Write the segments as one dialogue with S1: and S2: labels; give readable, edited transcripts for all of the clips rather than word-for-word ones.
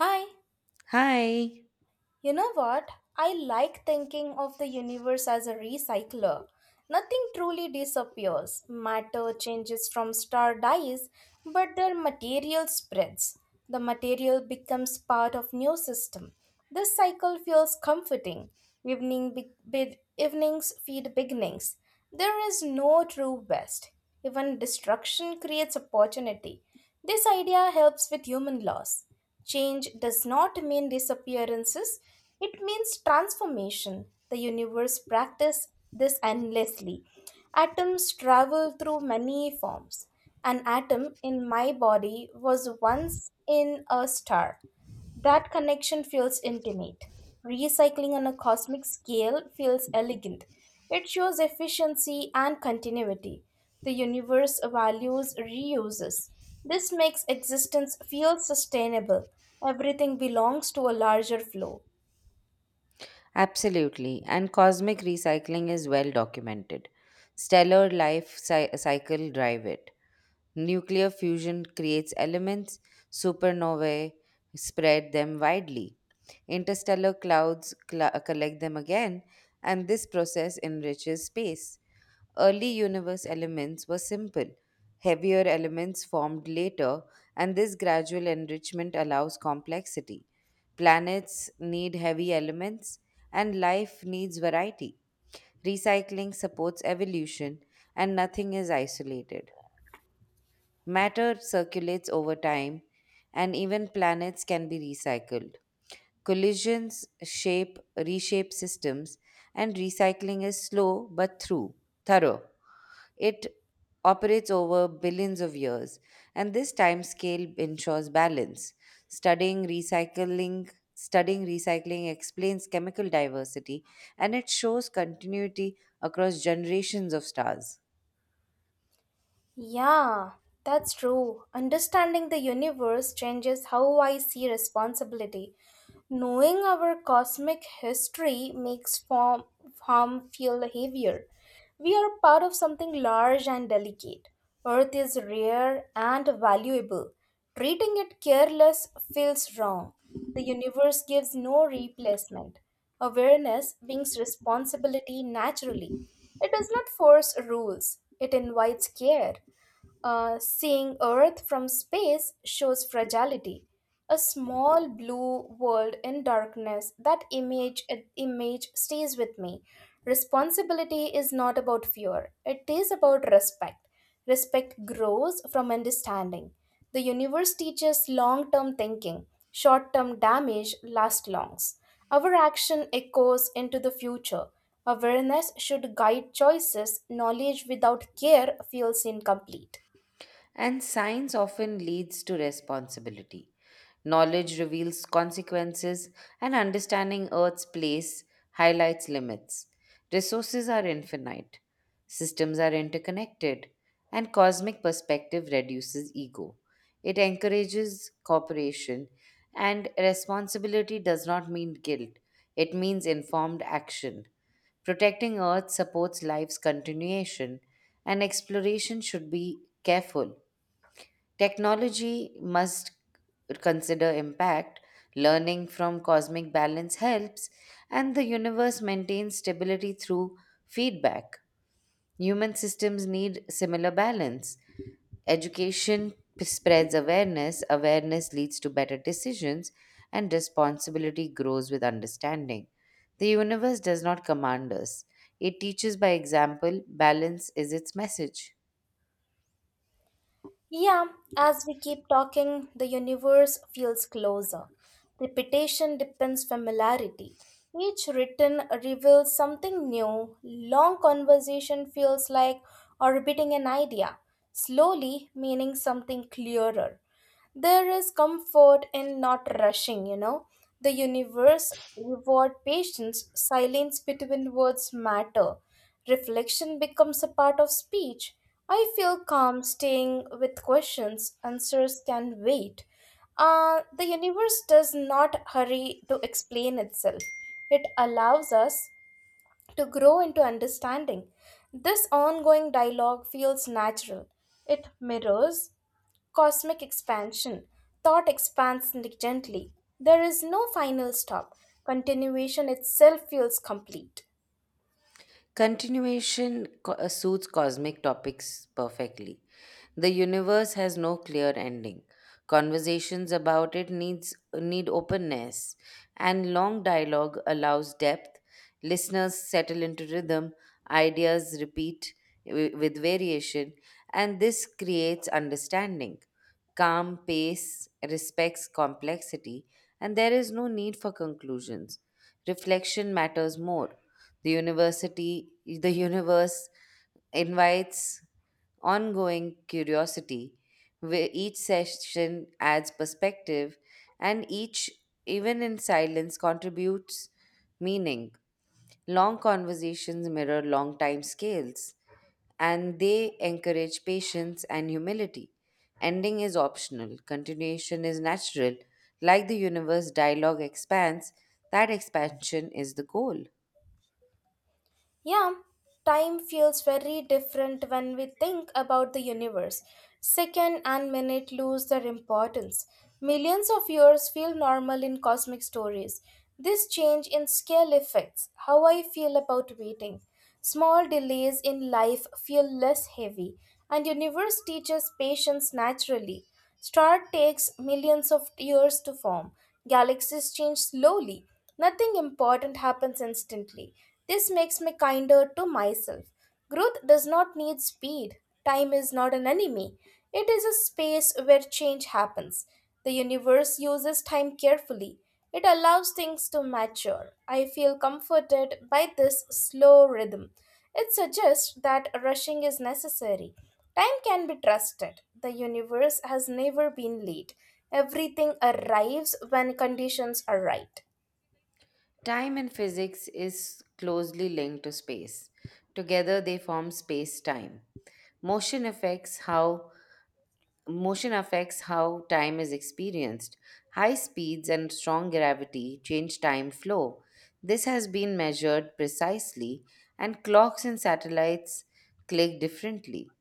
S1: Hi,
S2: Hi.
S1: you know what? I like thinking of the universe as a recycler. Nothing truly disappears. Matter changes from star dies, but their material spreads. The material becomes part of new system. This cycle feels comforting. Evenings feed beginnings. There is no true best. Even destruction creates opportunity. This idea helps with human loss. Change does not mean disappearances, it means transformation. The universe practices this endlessly. Atoms travel through many forms. An atom in my body was once in a star. That connection feels intimate. Recycling on a cosmic scale feels elegant. It shows efficiency and continuity. The universe values reuses. This makes existence feel sustainable. Everything belongs to a larger flow.
S2: Absolutely. And cosmic recycling is well documented. Stellar life cycle drive it. Nuclear fusion creates elements, supernovae spread them widely. Interstellar clouds collect them again, and this process enriches space. Early universe elements were simple, heavier elements formed later, and this gradual enrichment allows complexity. Planets need heavy elements, and life needs variety. Recycling supports evolution, and nothing is isolated. Matter circulates over time, and even planets can be recycled. Collisions shape reshape systems, and recycling is slow but through thorough. It operates over billions of years, and this time scale ensures balance. Studying recycling studying recycling explains chemical diversity and it shows continuity across generations of stars.
S1: Yeah, that's true. Understanding the universe changes how I see responsibility. Knowing our cosmic history makes form, harm feel heavier. We are part of something large and delicate. Earth is rare and valuable. Treating it careless feels wrong. The universe gives no replacement. Awareness brings responsibility naturally. It does not force rules, it invites care. Seeing Earth from space shows fragility. A small blue world in darkness, that image stays with me. Responsibility is not about fear, it is about respect. Respect grows from understanding. The universe teaches long term thinking, short term damage lasts longs. Our action echoes into the future. Awareness should guide choices, knowledge without care feels incomplete.
S2: And science often leads to responsibility. Knowledge reveals consequences, and understanding Earth's place highlights limits. Resources are infinite, systems are interconnected, and cosmic perspective reduces ego. It encourages cooperation, and responsibility does not mean guilt, it means informed action. Protecting Earth supports life's continuation, and exploration should be careful. Technology must consider impact, learning from cosmic balance helps, and the universe maintains stability through feedback. Human systems need similar balance. Spreads awareness, awareness leads to better decisions, and responsibility grows with understanding. The universe does not command us, it teaches by example, balance is its message.
S1: Yeah, as we keep talking, the universe feels closer. Repetition depends familiarity. Each written reveals something new. Long conversation feels like orbiting an idea, slowly meaning something clearer. There is comfort in not rushing. The universe reward patience, silence between words matter. Reflection becomes a part of speech. I feel calm staying with questions, answers can wait. The universe does not hurry to explain itself. It allows us to grow into understanding. This ongoing dialogue feels natural. It mirrors cosmic expansion. Thought expands like, gently. There is no final stop. Continuation itself feels complete.
S2: Suits cosmic topics perfectly. The universe has no clear ending. Conversations about it need openness, and long dialogue allows depth. Listeners settle into rhythm, ideas repeat with variation, and this creates understanding. Calm pace respects complexity, and there is no need for conclusions. Reflection matters more. The universe invites ongoing curiosity, where each session adds perspective and each, even in silence, contributes meaning. Long conversations mirror long time scales and they encourage patience and humility. Ending is optional, continuation is natural. Like the universe, dialogue expands. That expansion is the goal.
S1: Yeah, time feels very different when we think about the universe. Second and minute lose their importance. Millions of years feel normal in cosmic stories. This change in scale affects how I feel about waiting. Small delays in life feel less heavy, and universe teaches patience naturally. Star takes millions of years to form. Galaxies change slowly. Nothing important happens instantly. This makes me kinder to myself. Growth does not need speed. Time is not an enemy. It is a space where change happens. The universe uses time carefully. It allows things to mature. I feel comforted by this slow rhythm. It suggests that rushing is necessary. Time can be trusted. The universe has never been late. Everything arrives when conditions are right.
S2: Time in physics is closely linked to space. Together they form space-time. Motion affects how motion affects how time is experienced. High speeds and strong gravity change time flow. This has been measured precisely and clocks and satellites click differently.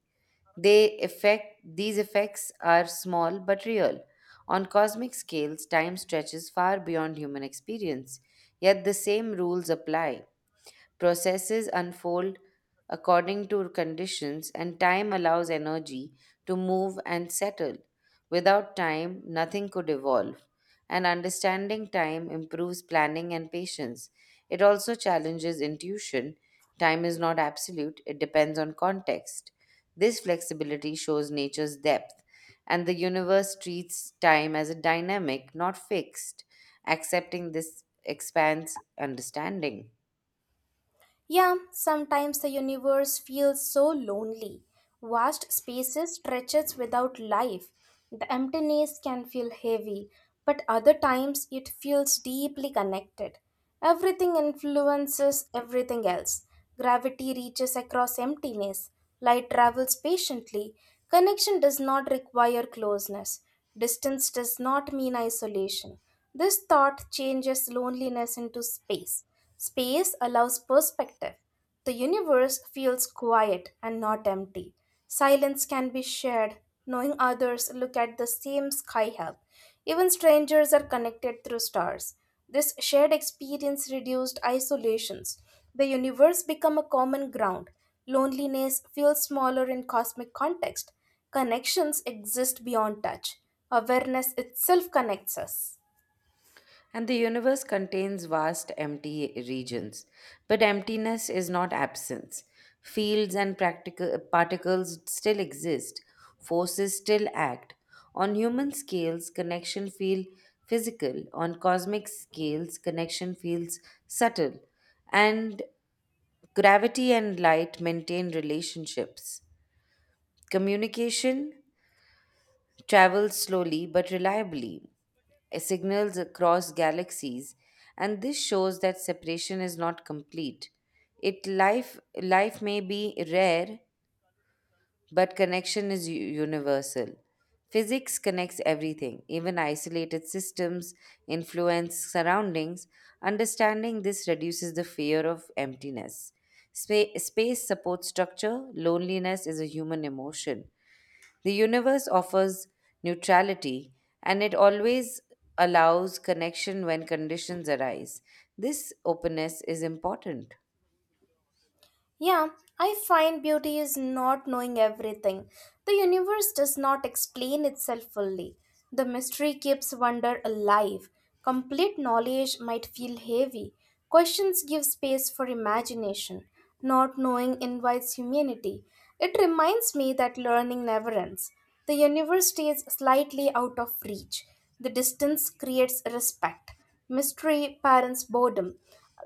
S2: These effects are small but real. On cosmic scales, time stretches far beyond human experience, yet the same rules apply. Processes unfold according to conditions, and time allows energy to move and settle. Without time, nothing could evolve. And understanding time improves planning and patience. It also challenges intuition. Time is not absolute, it depends on context. This flexibility shows nature's depth, and the universe treats time as a dynamic, not fixed. Accepting this expands understanding.
S1: Yeah, sometimes the universe feels so lonely. Vast spaces stretches without life. The emptiness can feel heavy, but other times it feels deeply connected. Everything influences everything else. Gravity reaches across emptiness, light travels patiently. Connection does not require closeness, distance does not mean isolation. This thought changes loneliness into space. Space allows perspective. The universe feels quiet and not empty. Silence can be shared, knowing others look at the same sky hub. Even strangers are connected through stars. This shared experience reduced isolations. The universe become a common ground. Loneliness feels smaller in cosmic context. Connections exist beyond touch. Awareness itself connects us.
S2: And the universe contains vast empty regions. But emptiness is not absence. Fields and practical particles still exist. Forces still act. On human scales, connection feels physical. On cosmic scales, connection feels subtle. And gravity and light maintain relationships. Communication travels slowly but reliably, signals across galaxies, and this shows that separation is not complete. It life may be rare, but connection is universal. Physics connects everything, even isolated systems influence surroundings. Understanding this reduces the fear of emptiness. Space supports structure. Loneliness is a human emotion. The universe offers neutrality, and it always allows connection when conditions arise. This openness is important.
S1: Yeah, I find beauty is not knowing everything. The universe does not explain itself fully. The mystery keeps wonder alive. Complete knowledge might feel heavy. Questions give space for imagination. Not knowing invites humanity. It reminds me that learning never ends. The universe stays slightly out of reach. The distance creates respect, mystery parents boredom,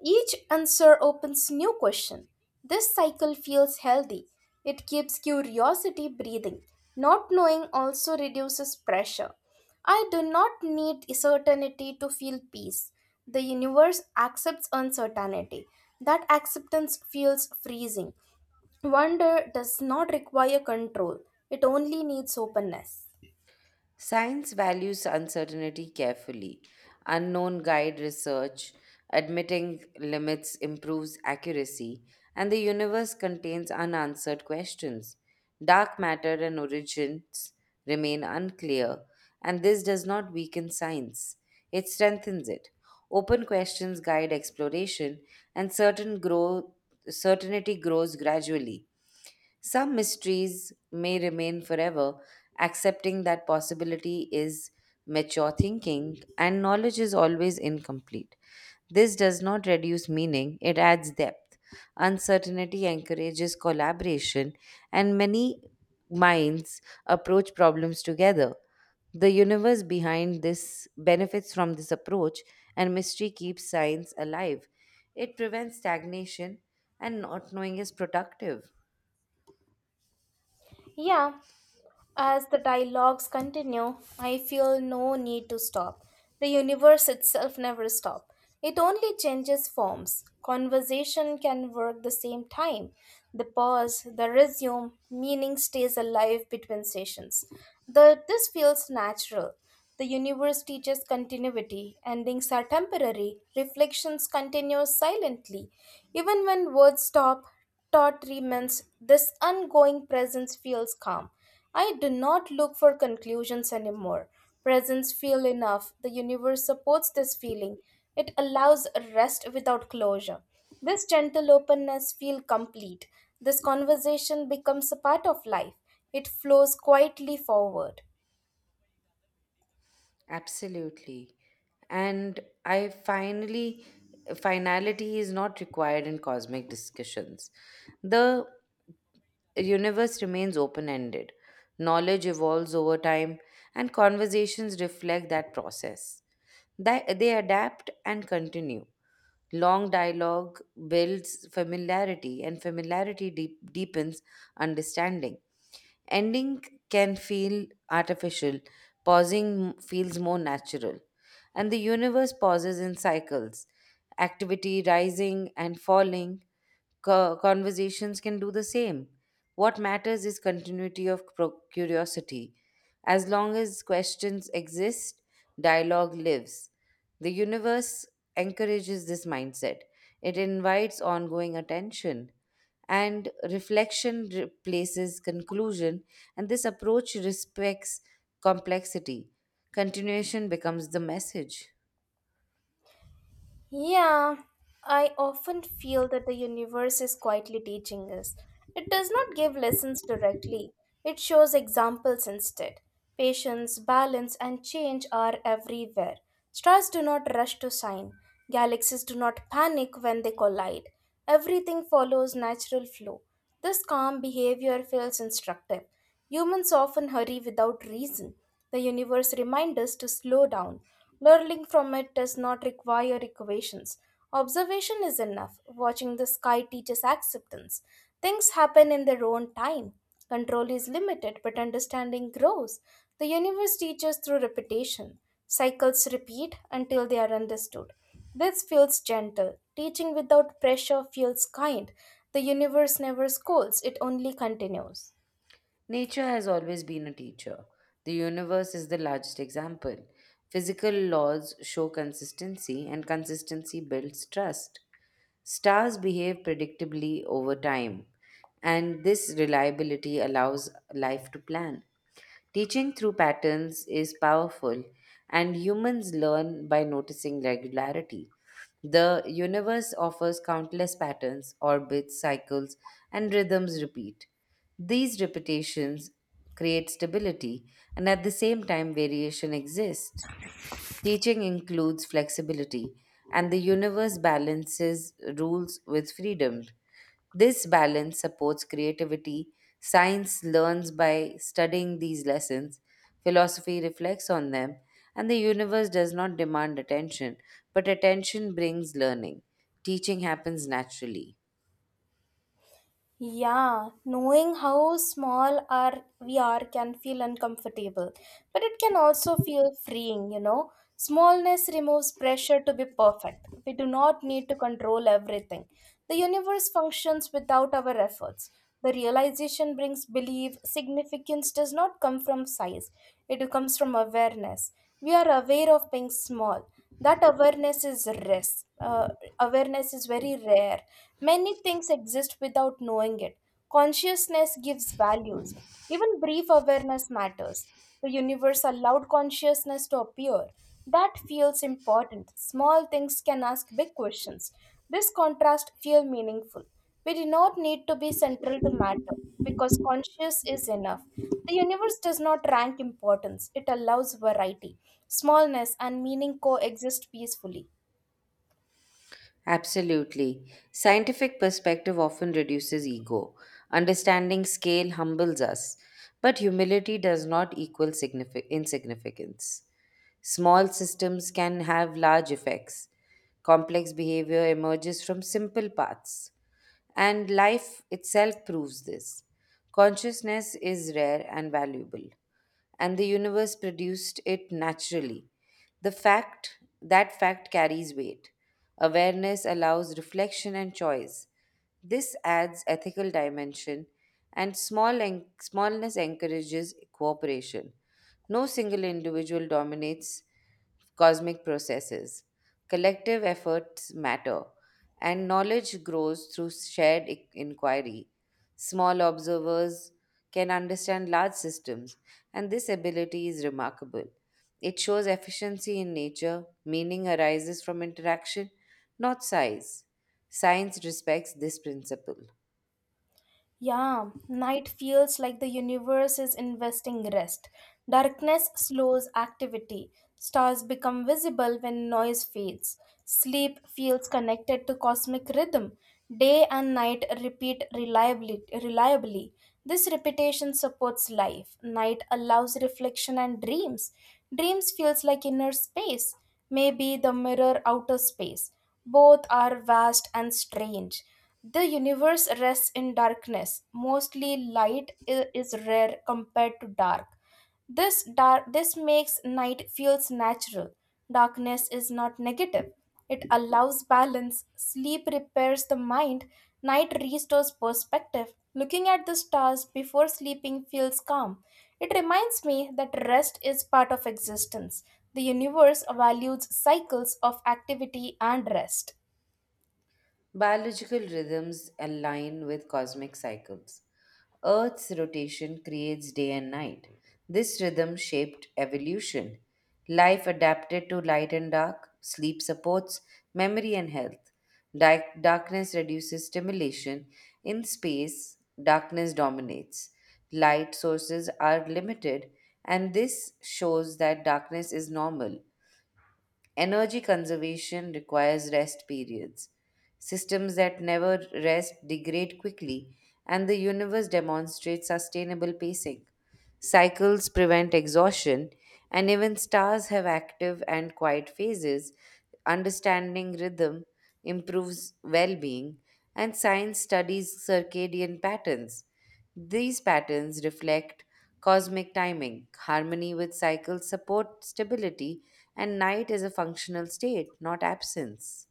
S1: each answer opens new question. This cycle feels healthy. It keeps curiosity breathing. Not knowing also reduces pressure. I do not need certainty to feel peace. The universe accepts uncertainty. That acceptance feels freezing. Wonder does not require control. It only needs openness.
S2: Science values uncertainty carefully. Unknown guide research, admitting limits improves accuracy, and the universe contains unanswered questions. Dark matter and origins remain unclear, and this does not weaken science, it strengthens it. Open questions guide exploration, and certainty grows gradually. Some mysteries may remain forever. Accepting that possibility is mature thinking, and knowledge is always incomplete. This does not reduce meaning, it adds depth. Uncertainty encourages collaboration, and many minds approach problems together. The universe behind this benefits from this approach, and mystery keeps science alive. It prevents stagnation, and not knowing is productive.
S1: Yeah, as the dialogues continue, I feel no need to stop. The universe itself never stops. It only changes forms. Conversation can work the same time. The pause, the resume, meaning stays alive between sessions. This feels natural. The universe teaches continuity. Endings are temporary. Reflections continue silently. Even when words stop, thought remains. This ongoing presence feels calm. I do not look for conclusions anymore. Presence feel enough. The universe supports this feeling. It allows rest without closure. This gentle openness feel complete. This conversation becomes a part of life. It flows quietly forward.
S2: Absolutely. And I finally, Finality is not required in cosmic discussions. The universe remains open ended, knowledge evolves over time, and conversations reflect that process. That they adapt and continue. Long dialogue builds familiarity, and familiarity deepens understanding. Ending can feel artificial, pausing feels more natural. And the universe pauses in cycles, activity rising and falling. Conversations can do the same. What matters is continuity of curiosity. As long as questions exist, dialogue lives. The universe encourages this mindset, it invites ongoing attention. And reflection replaces conclusion, and this approach respects complexity. Continuation becomes the message.
S1: Yeah, I often feel that the universe is quietly teaching us. It does not give lessons directly, it shows examples instead. Patience, balance, and change are everywhere. Stars do not rush to shine, galaxies do not panic when they collide. Everything follows natural flow. This calm behavior feels instructive. Humans often hurry without reason. The universe reminds us to slow down. Learning from it does not require equations. Observation is enough. Watching the sky teaches acceptance. Things happen in their own time. Control is limited, but understanding grows. The universe teaches through repetition. Cycles repeat until they are understood. This feels gentle. Teaching without pressure feels kind. The universe never scolds, it only continues.
S2: Nature has always been a teacher. The universe is the largest example. Physical laws show consistency, and consistency builds trust. Stars behave predictably over time, and this reliability allows life to plan. Teaching through patterns is powerful, and humans learn by noticing regularity. The universe offers countless patterns, orbits, cycles, and rhythms repeat. These repetitions create stability, and at the same time, variation exists. Teaching includes flexibility, and the universe balances rules with freedom. This balance supports creativity. Science learns by studying these lessons, philosophy reflects on them, and the universe does not demand attention, but attention brings learning. Teaching happens naturally.
S1: Yeah, knowing how small our we are can feel uncomfortable, but it can also feel freeing. Smallness removes pressure to be perfect. We do not need to control everything. The universe functions without our efforts. The realization brings belief. Significance does not come from size, it comes from awareness. We are aware of being small. That awareness is rare. Uh, Awareness is very rare. Many things exist without knowing it. Consciousness gives values. Even brief awareness matters. The universe allowed consciousness to appear. That feels important. Small things can ask big questions. This contrast feels meaningful. We do not need to be central to matter because conscious is enough. The universe does not rank importance, it allows variety. Smallness and meaning coexist peacefully.
S2: Absolutely. Scientific perspective often reduces ego. Understanding scale humbles us, but humility does not equal insignificance. Small systems can have large effects. Complex behavior emerges from simple paths, and life itself proves this. Consciousness is rare and valuable and the universe produced it naturally. The fact that fact carries weight. Awareness allows reflection and choice. This adds ethical dimension and smallness encourages cooperation. No single individual dominates cosmic processes. Collective efforts matter, and knowledge grows through shared inquiry. Small observers can understand large systems, and this ability is remarkable. It shows efficiency in nature, meaning arises from interaction, not size. Science respects this principle.
S1: Yeah, night feels like the universe is investing rest. Darkness slows activity. Stars become visible when noise fades. Sleep feels connected to cosmic rhythm. Day and night repeat reliably. This repetition supports life. Night allows reflection and dreams. Dreams feels like inner space, maybe the mirror outer space. Both are vast and strange. The universe rests in darkness. Mostly light is rare compared to dark. This makes night feels natural. Darkness is not negative. It allows balance. Sleep repairs the mind. Night restores perspective. Looking at the stars before sleeping feels calm. It reminds me that rest is part of existence. The universe values cycles of activity and rest.
S2: Biological rhythms align with cosmic cycles. Earth's rotation creates day and night. This rhythm shaped evolution. Life adapted to light and dark, sleep supports memory and health. Darkness reduces stimulation. In space, darkness dominates. Light sources are limited, and this shows that darkness is normal. Energy conservation requires rest periods. Systems that never rest degrade quickly, and the universe demonstrates sustainable pacing. Cycles prevent exhaustion, and even stars have active and quiet phases. Understanding rhythm improves well being, and science studies circadian patterns. These patterns reflect cosmic timing. Harmony with cycles support stability, and night is a functional state, not absence.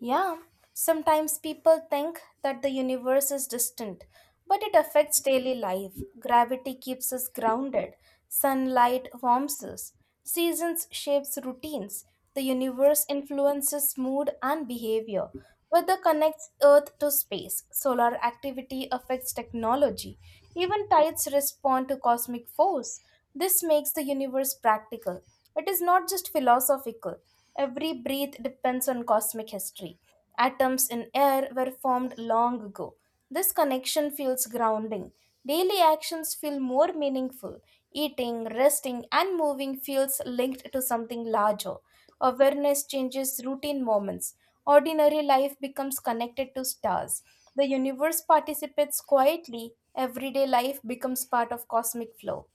S1: Yeah, sometimes people think that the universe is distant, but it affects daily life. Gravity keeps us grounded, sunlight warms us, seasons shapes routines. The universe influences mood and behavior. Weather connects Earth to space. Solar activity affects technology. Even tides respond to cosmic force. This makes the universe practical. It is not just philosophical. Every breath depends on cosmic history. Atoms in air were formed long ago. This connection feels grounding. Daily actions feel more meaningful. Eating, resting, and moving feels linked to something larger. Awareness changes routine moments. Ordinary life becomes connected to stars. The universe participates quietly. Everyday life becomes part of cosmic flow.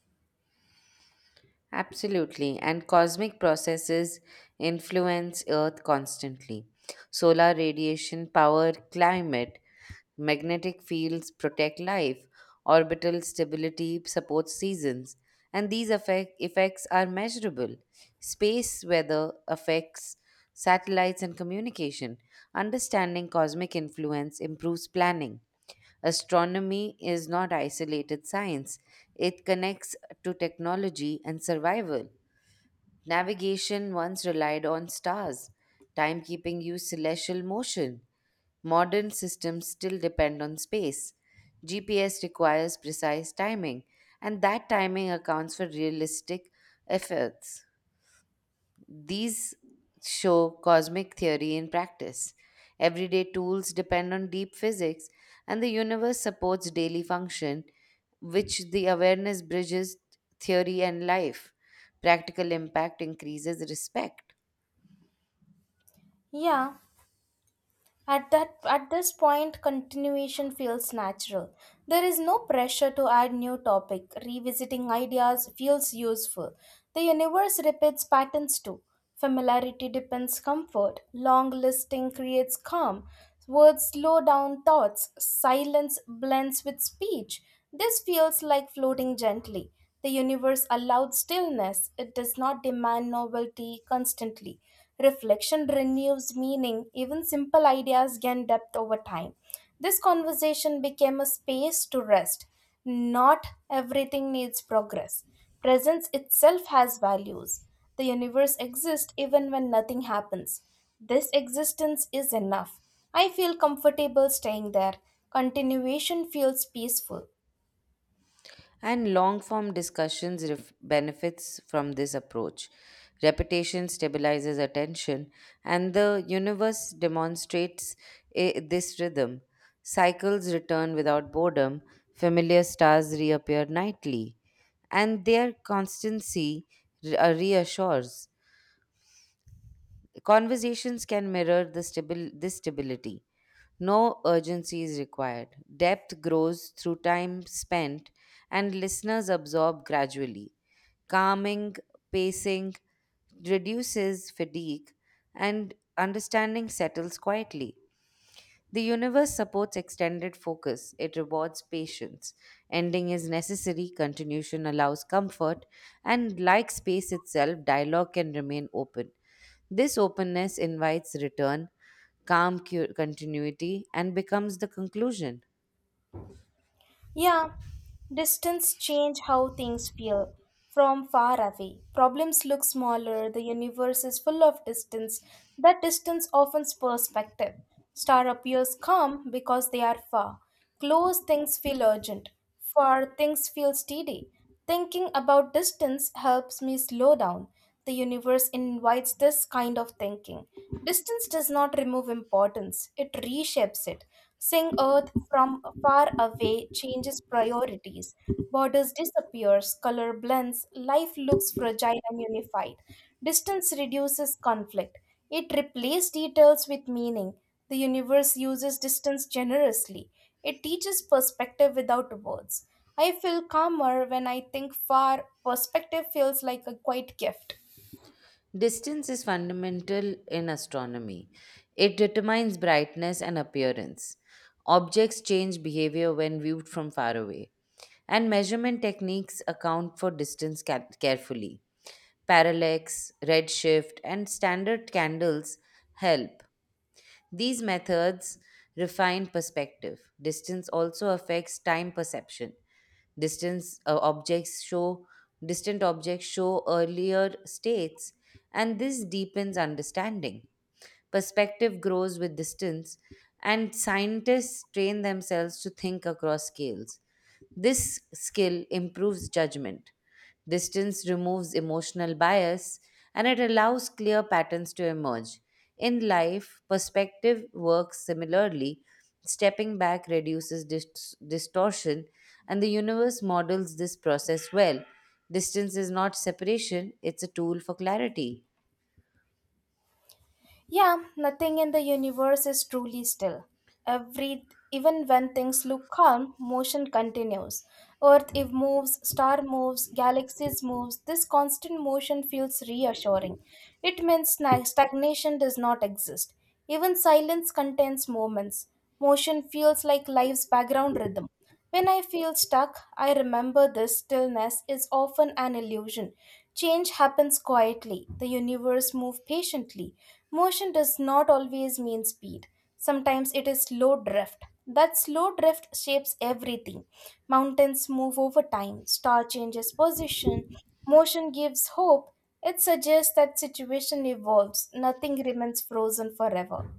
S2: Absolutely, and cosmic processes influence Earth constantly. Solar radiation, power, climate, magnetic fields protect life, orbital stability supports seasons, and effects are measurable. Space weather affects satellites and communication. Understanding cosmic influence improves planning. Astronomy is not isolated science, it connects to technology and survival. Navigation once relied on stars, timekeeping used celestial motion. Modern systems still depend on space. GPS requires precise timing, and that timing accounts for realistic efforts. These show cosmic theory in practice. Everyday tools depend on deep physics, and the universe supports daily function, which the awareness bridges theory and life. Practical impact increases respect.
S1: Yeah. At this point continuation feels natural. There is no pressure to add new topic. Revisiting ideas feels useful. The universe repeats patterns too. Familiarity depends comfort. Long listing creates calm. Words slow down thoughts. Silence blends with speech. This feels like floating gently. The universe allowed stillness, it does not demand novelty constantly. Reflection renews meaning, even simple ideas gain depth over time. This conversation became a space to rest. Not everything needs progress. Presence itself has values. The universe exists even when nothing happens. This existence is enough. I feel comfortable staying there. Continuation feels peaceful.
S2: And long form discussions benefits from this approach. Repetition stabilizes attention, and the universe demonstrates this rhythm. Cycles return without boredom, familiar stars reappear nightly, and their constancy reassures. Conversations can mirror the this stability. No urgency is required. Depth grows through time spent, and listeners absorb gradually. Calming, pacing reduces fatigue, and understanding settles quietly. The universe supports extended focus, it rewards patience. Ending is necessary, continuation allows comfort, and like space itself, dialogue can remain open. This openness invites return, calm continuity, and becomes the conclusion.
S1: Yeah, distance change how things feel from far away. Problems look smaller, the universe is full of distance. That distance offers perspective. Star appears calm because they are far. Close things feel urgent. Far things feel steady. Thinking about distance helps me slow down. The universe invites this kind of thinking. Distance does not remove importance, it reshapes it. Seeing Earth from far away changes priorities. Borders disappears, color blends, life looks fragile and unified. Distance reduces conflict. It replaces details with meaning. The universe uses distance generously. It teaches perspective without words. I feel calmer when I think far. Perspective feels like a quiet gift.
S2: Distance is fundamental in astronomy. It determines brightness and appearance. Objects change behavior when viewed from far away. And measurement techniques account for distance carefully. Parallax, redshift, and standard candles help, these methods refine perspective. Distance also affects time perception. Distance objects show distant objects show earlier states and this deepens understanding. Perspective grows with distance and scientists train themselves to think across scales. This skill improves judgment. Distance removes emotional bias and it allows clear patterns to emerge. In life, perspective works similarly. Stepping back reduces distortion, and the universe models this process well. Distance is not separation, it's a tool for clarity.
S1: Yeah, nothing in the universe is truly still. Every even when things look calm, motion continues. Earth if moves, star moves, galaxies moves. This constant motion feels reassuring. It means stagnation does not exist. Even silence contains moments. Motion feels like life's background rhythm. When I feel stuck, I remember this stillness is often an illusion. Change happens quietly, the universe moves patiently. Motion does not always mean speed, sometimes it is slow drift. That slow drift shapes everything. Mountains move over time, star changes position, motion gives hope. It suggests that situation evolves, nothing remains frozen forever.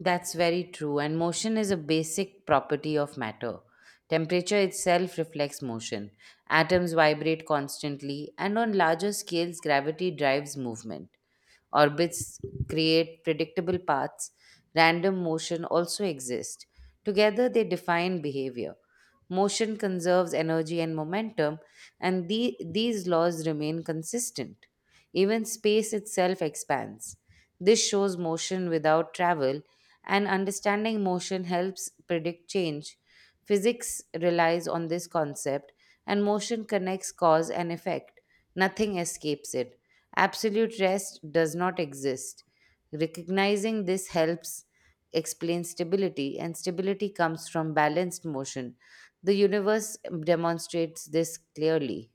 S2: That's very true, and motion is a basic property of matter. Temperature itself reflects motion. Atoms vibrate constantly, and on larger scales, gravity drives movement. Orbits create predictable paths. Random motion also exists. Together, they define behavior. Motion conserves energy and momentum, and these laws remain consistent. Even space itself expands. This shows motion without travel, and understanding motion helps predict change. Physics relies on this concept, and motion connects cause and effect. Nothing escapes it. Absolute rest does not exist. Recognizing this helps explain stability, and stability comes from balanced motion. The universe demonstrates this clearly.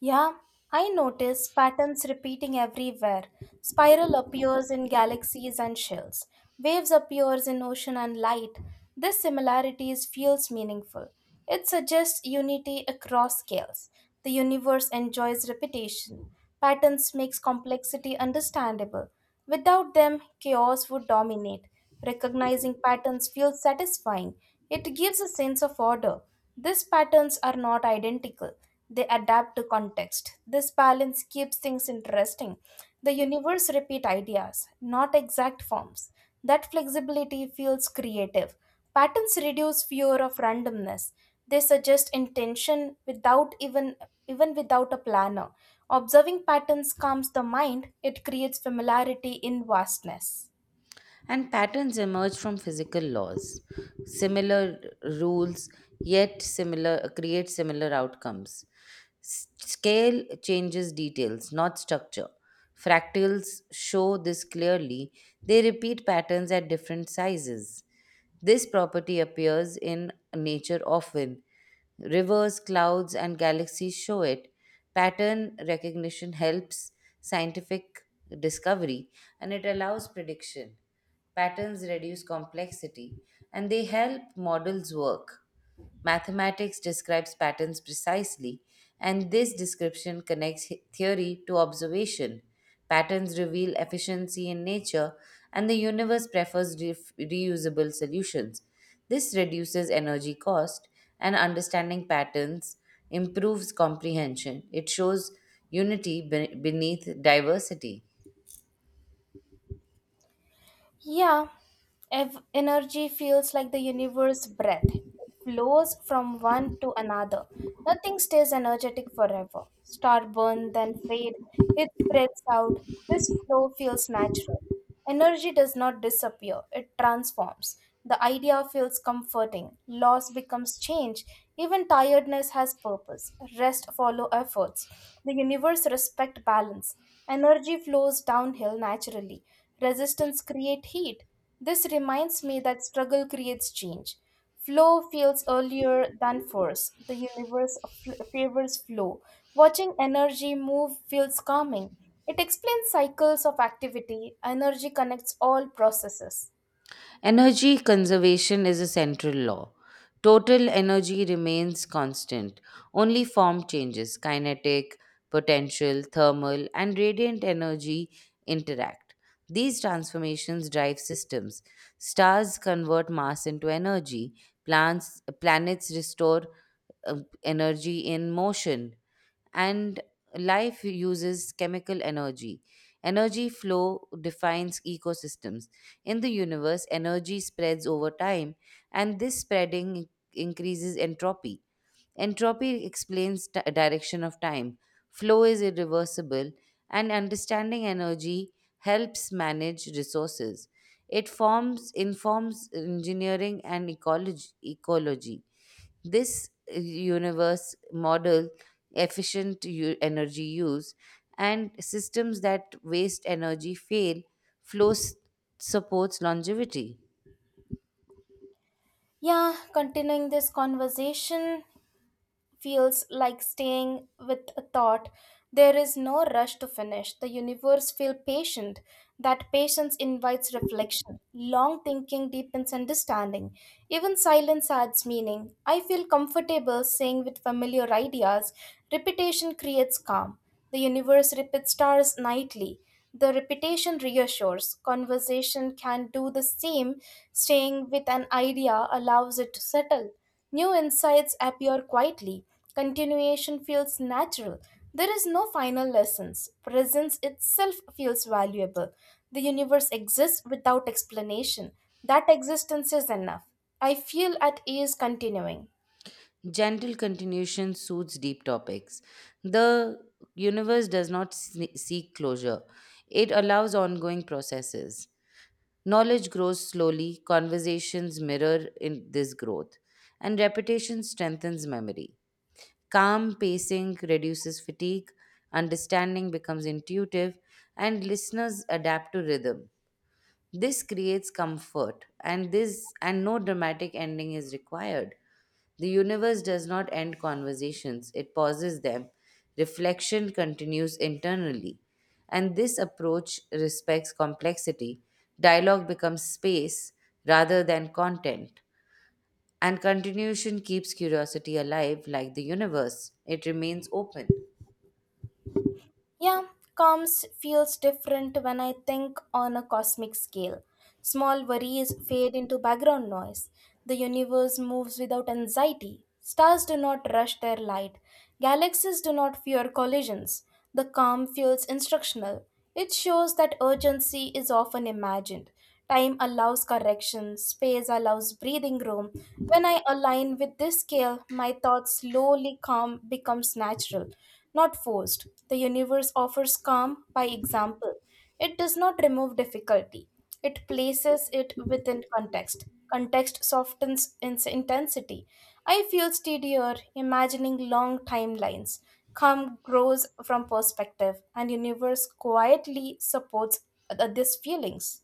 S1: Yeah, I notice patterns repeating everywhere. Spiral appears in galaxies and shells. Waves appears in ocean and light. This similarities feels meaningful. It suggests unity across scales. The universe enjoys repetition. Patterns makes complexity understandable. Without them, chaos would dominate. Recognizing patterns feels satisfying. It gives a sense of order. These patterns are not identical, they adapt to context. This balance keeps things interesting. The universe repeats ideas, not exact forms. That flexibility feels creative. Patterns reduce fear of randomness. They suggest intention without even without a planner. Observing patterns calms the mind, it creates familiarity in vastness.
S2: And patterns emerge from physical laws. Similar rules create similar outcomes. Scale changes details, not structure. Fractals show this clearly. They repeat patterns at different sizes. This property appears in nature often. Rivers, clouds, and galaxies show it. Pattern recognition helps scientific discovery and it allows prediction. Patterns reduce complexity and they help models work. Mathematics describes patterns precisely, and this description connects theory to observation. Patterns reveal efficiency in nature, and the universe prefers reusable solutions. This reduces energy cost, and understanding patterns improves comprehension. It shows unity beneath diversity.
S1: Yeah, energy feels like the universe breath. It flows from one to another. Nothing stays energetic forever. Star burn, then fade. It spreads out. This flow feels natural. Energy does not disappear, it transforms. The idea feels comforting. Loss becomes change. Even tiredness has purpose. Rest follow efforts. The universe respect balance. Energy flows downhill naturally. Resistance creates heat. This reminds me that struggle creates change. Flow feels earlier than force. The universe favors flow. Watching energy move feels calming. It explains cycles of activity. Energy connects all processes.
S2: Energy conservation is a central law. Total energy remains constant, only form changes kinetic, potential, thermal, and radiant energy interact. These transformations drive systems. Stars convert mass into energy, planets restore uh, energy in motion, and life uses chemical energy. Energy flow defines ecosystems. In the universe, energy spreads over time, and this spreading increases entropy. Entropy explains direction of time. Flow is irreversible, and understanding energy helps manage resources. It forms informs engineering and ecology. This universe model efficient energy use and systems that waste energy fail flow s- supports longevity.
S1: Yeah, continuing this conversation, feels like staying with a thought. There is no rush to finish. The universe feels patient. That patience invites reflection. Long thinking deepens understanding. Even silence adds meaning. I feel comfortable saying with familiar ideas. Repetition creates calm. The universe repeats stars nightly. The repetition reassures. Conversation can do the same. Staying with an idea allows it to settle. New insights appear quietly. Continuation feels natural. There is no final lessons. Presence itself feels valuable. The universe exists without explanation. That existence is enough. I feel at ease continuing.
S2: Gentle continuation suits deep topics. The universe does not seek closure. It allows ongoing processes. Knowledge grows slowly, conversations mirror in this growth, and repetition strengthens memory. Calm pacing reduces fatigue, understanding becomes intuitive, and listeners adapt to rhythm. This creates comfort, and no dramatic ending is required. The universe does not end conversations, it pauses them. Reflection continues internally. And this approach respects complexity. Dialogue becomes space rather than content. And continuation keeps curiosity alive like the universe, it remains open.
S1: Yeah, calms feels different when I think on a cosmic scale. Small worries fade into background noise. The universe moves without anxiety. Stars do not rush their light. Galaxies do not fear collisions. The calm feels instructional. It shows that urgency is often imagined. Time allows correction, space allows breathing room. When I align with this scale, my thoughts slowly calm becomes natural, not forced. The universe offers calm by example. It does not remove difficulty, it places it within context. Context softens its intensity. I feel steadier imagining long timelines. Calm grows from perspective, and universe quietly supports these feelings.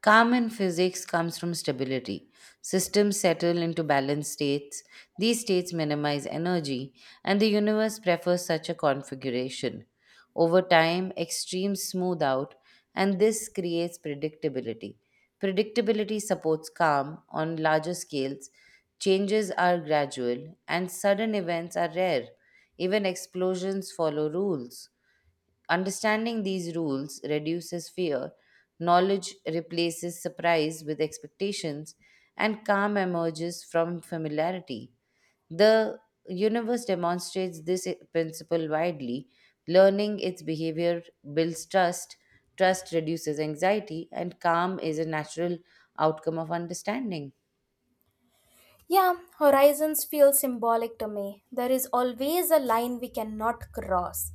S2: Calm in physics comes from stability. Systems settle into balanced states. These states minimize energy, and the universe prefers such a configuration. Over time, extremes smooth out, and this creates predictability. Predictability supports calm on larger scales. Changes are gradual, and sudden events are rare. Even explosions follow rules. Understanding these rules reduces fear, knowledge replaces surprise with expectations, and calm emerges from familiarity. The universe demonstrates this principle widely. Learning its behavior builds trust, trust reduces anxiety, and calm is a natural outcome of understanding.
S1: Yeah, horizons feel symbolic to me. There is always a line we cannot cross.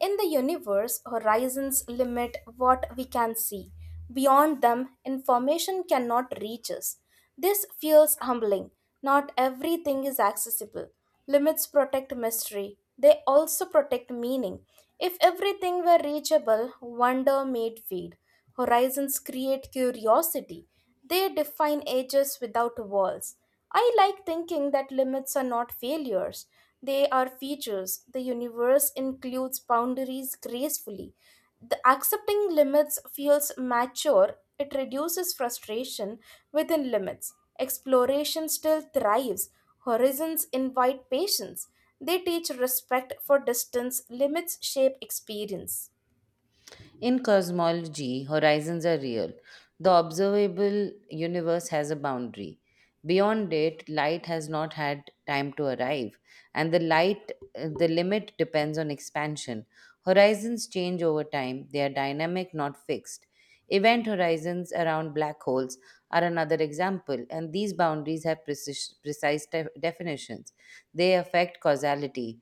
S1: In the universe, horizons limit what we can see. Beyond them, information cannot reach us. This feels humbling. Not everything is accessible. Limits protect mystery, they also protect meaning. If everything were reachable, wonder made fade. Horizons create curiosity. They define ages without walls. I like thinking that limits are not failures, they are features. The universe includes boundaries gracefully. The accepting limits feels mature, it reduces frustration within limits. Exploration still thrives, horizons invite patience. They teach respect for distance, limits shape experience.
S2: In cosmology, horizons are real. The observable universe has a boundary. Beyond it, light has not had time to arrive, and the limit depends on expansion. Horizons change over time. They are dynamic, not fixed. Event horizons around black holes are another example, and these boundaries have precise definitions. They affect causality.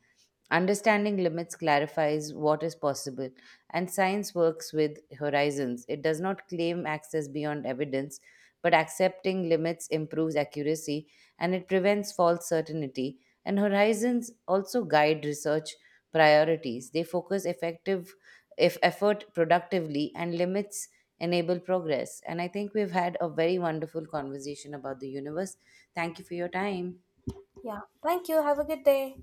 S2: Understanding limits clarifies what is possible and science works with horizons. It does not claim access beyond evidence, but accepting limits improves accuracy and it prevents false certainty. And horizons also guide research priorities. They focus effective if effort productively and limits enable progress. And I think we've had a very wonderful conversation about the universe. Thank you for your time.
S1: Yeah, thank you. Have a good day.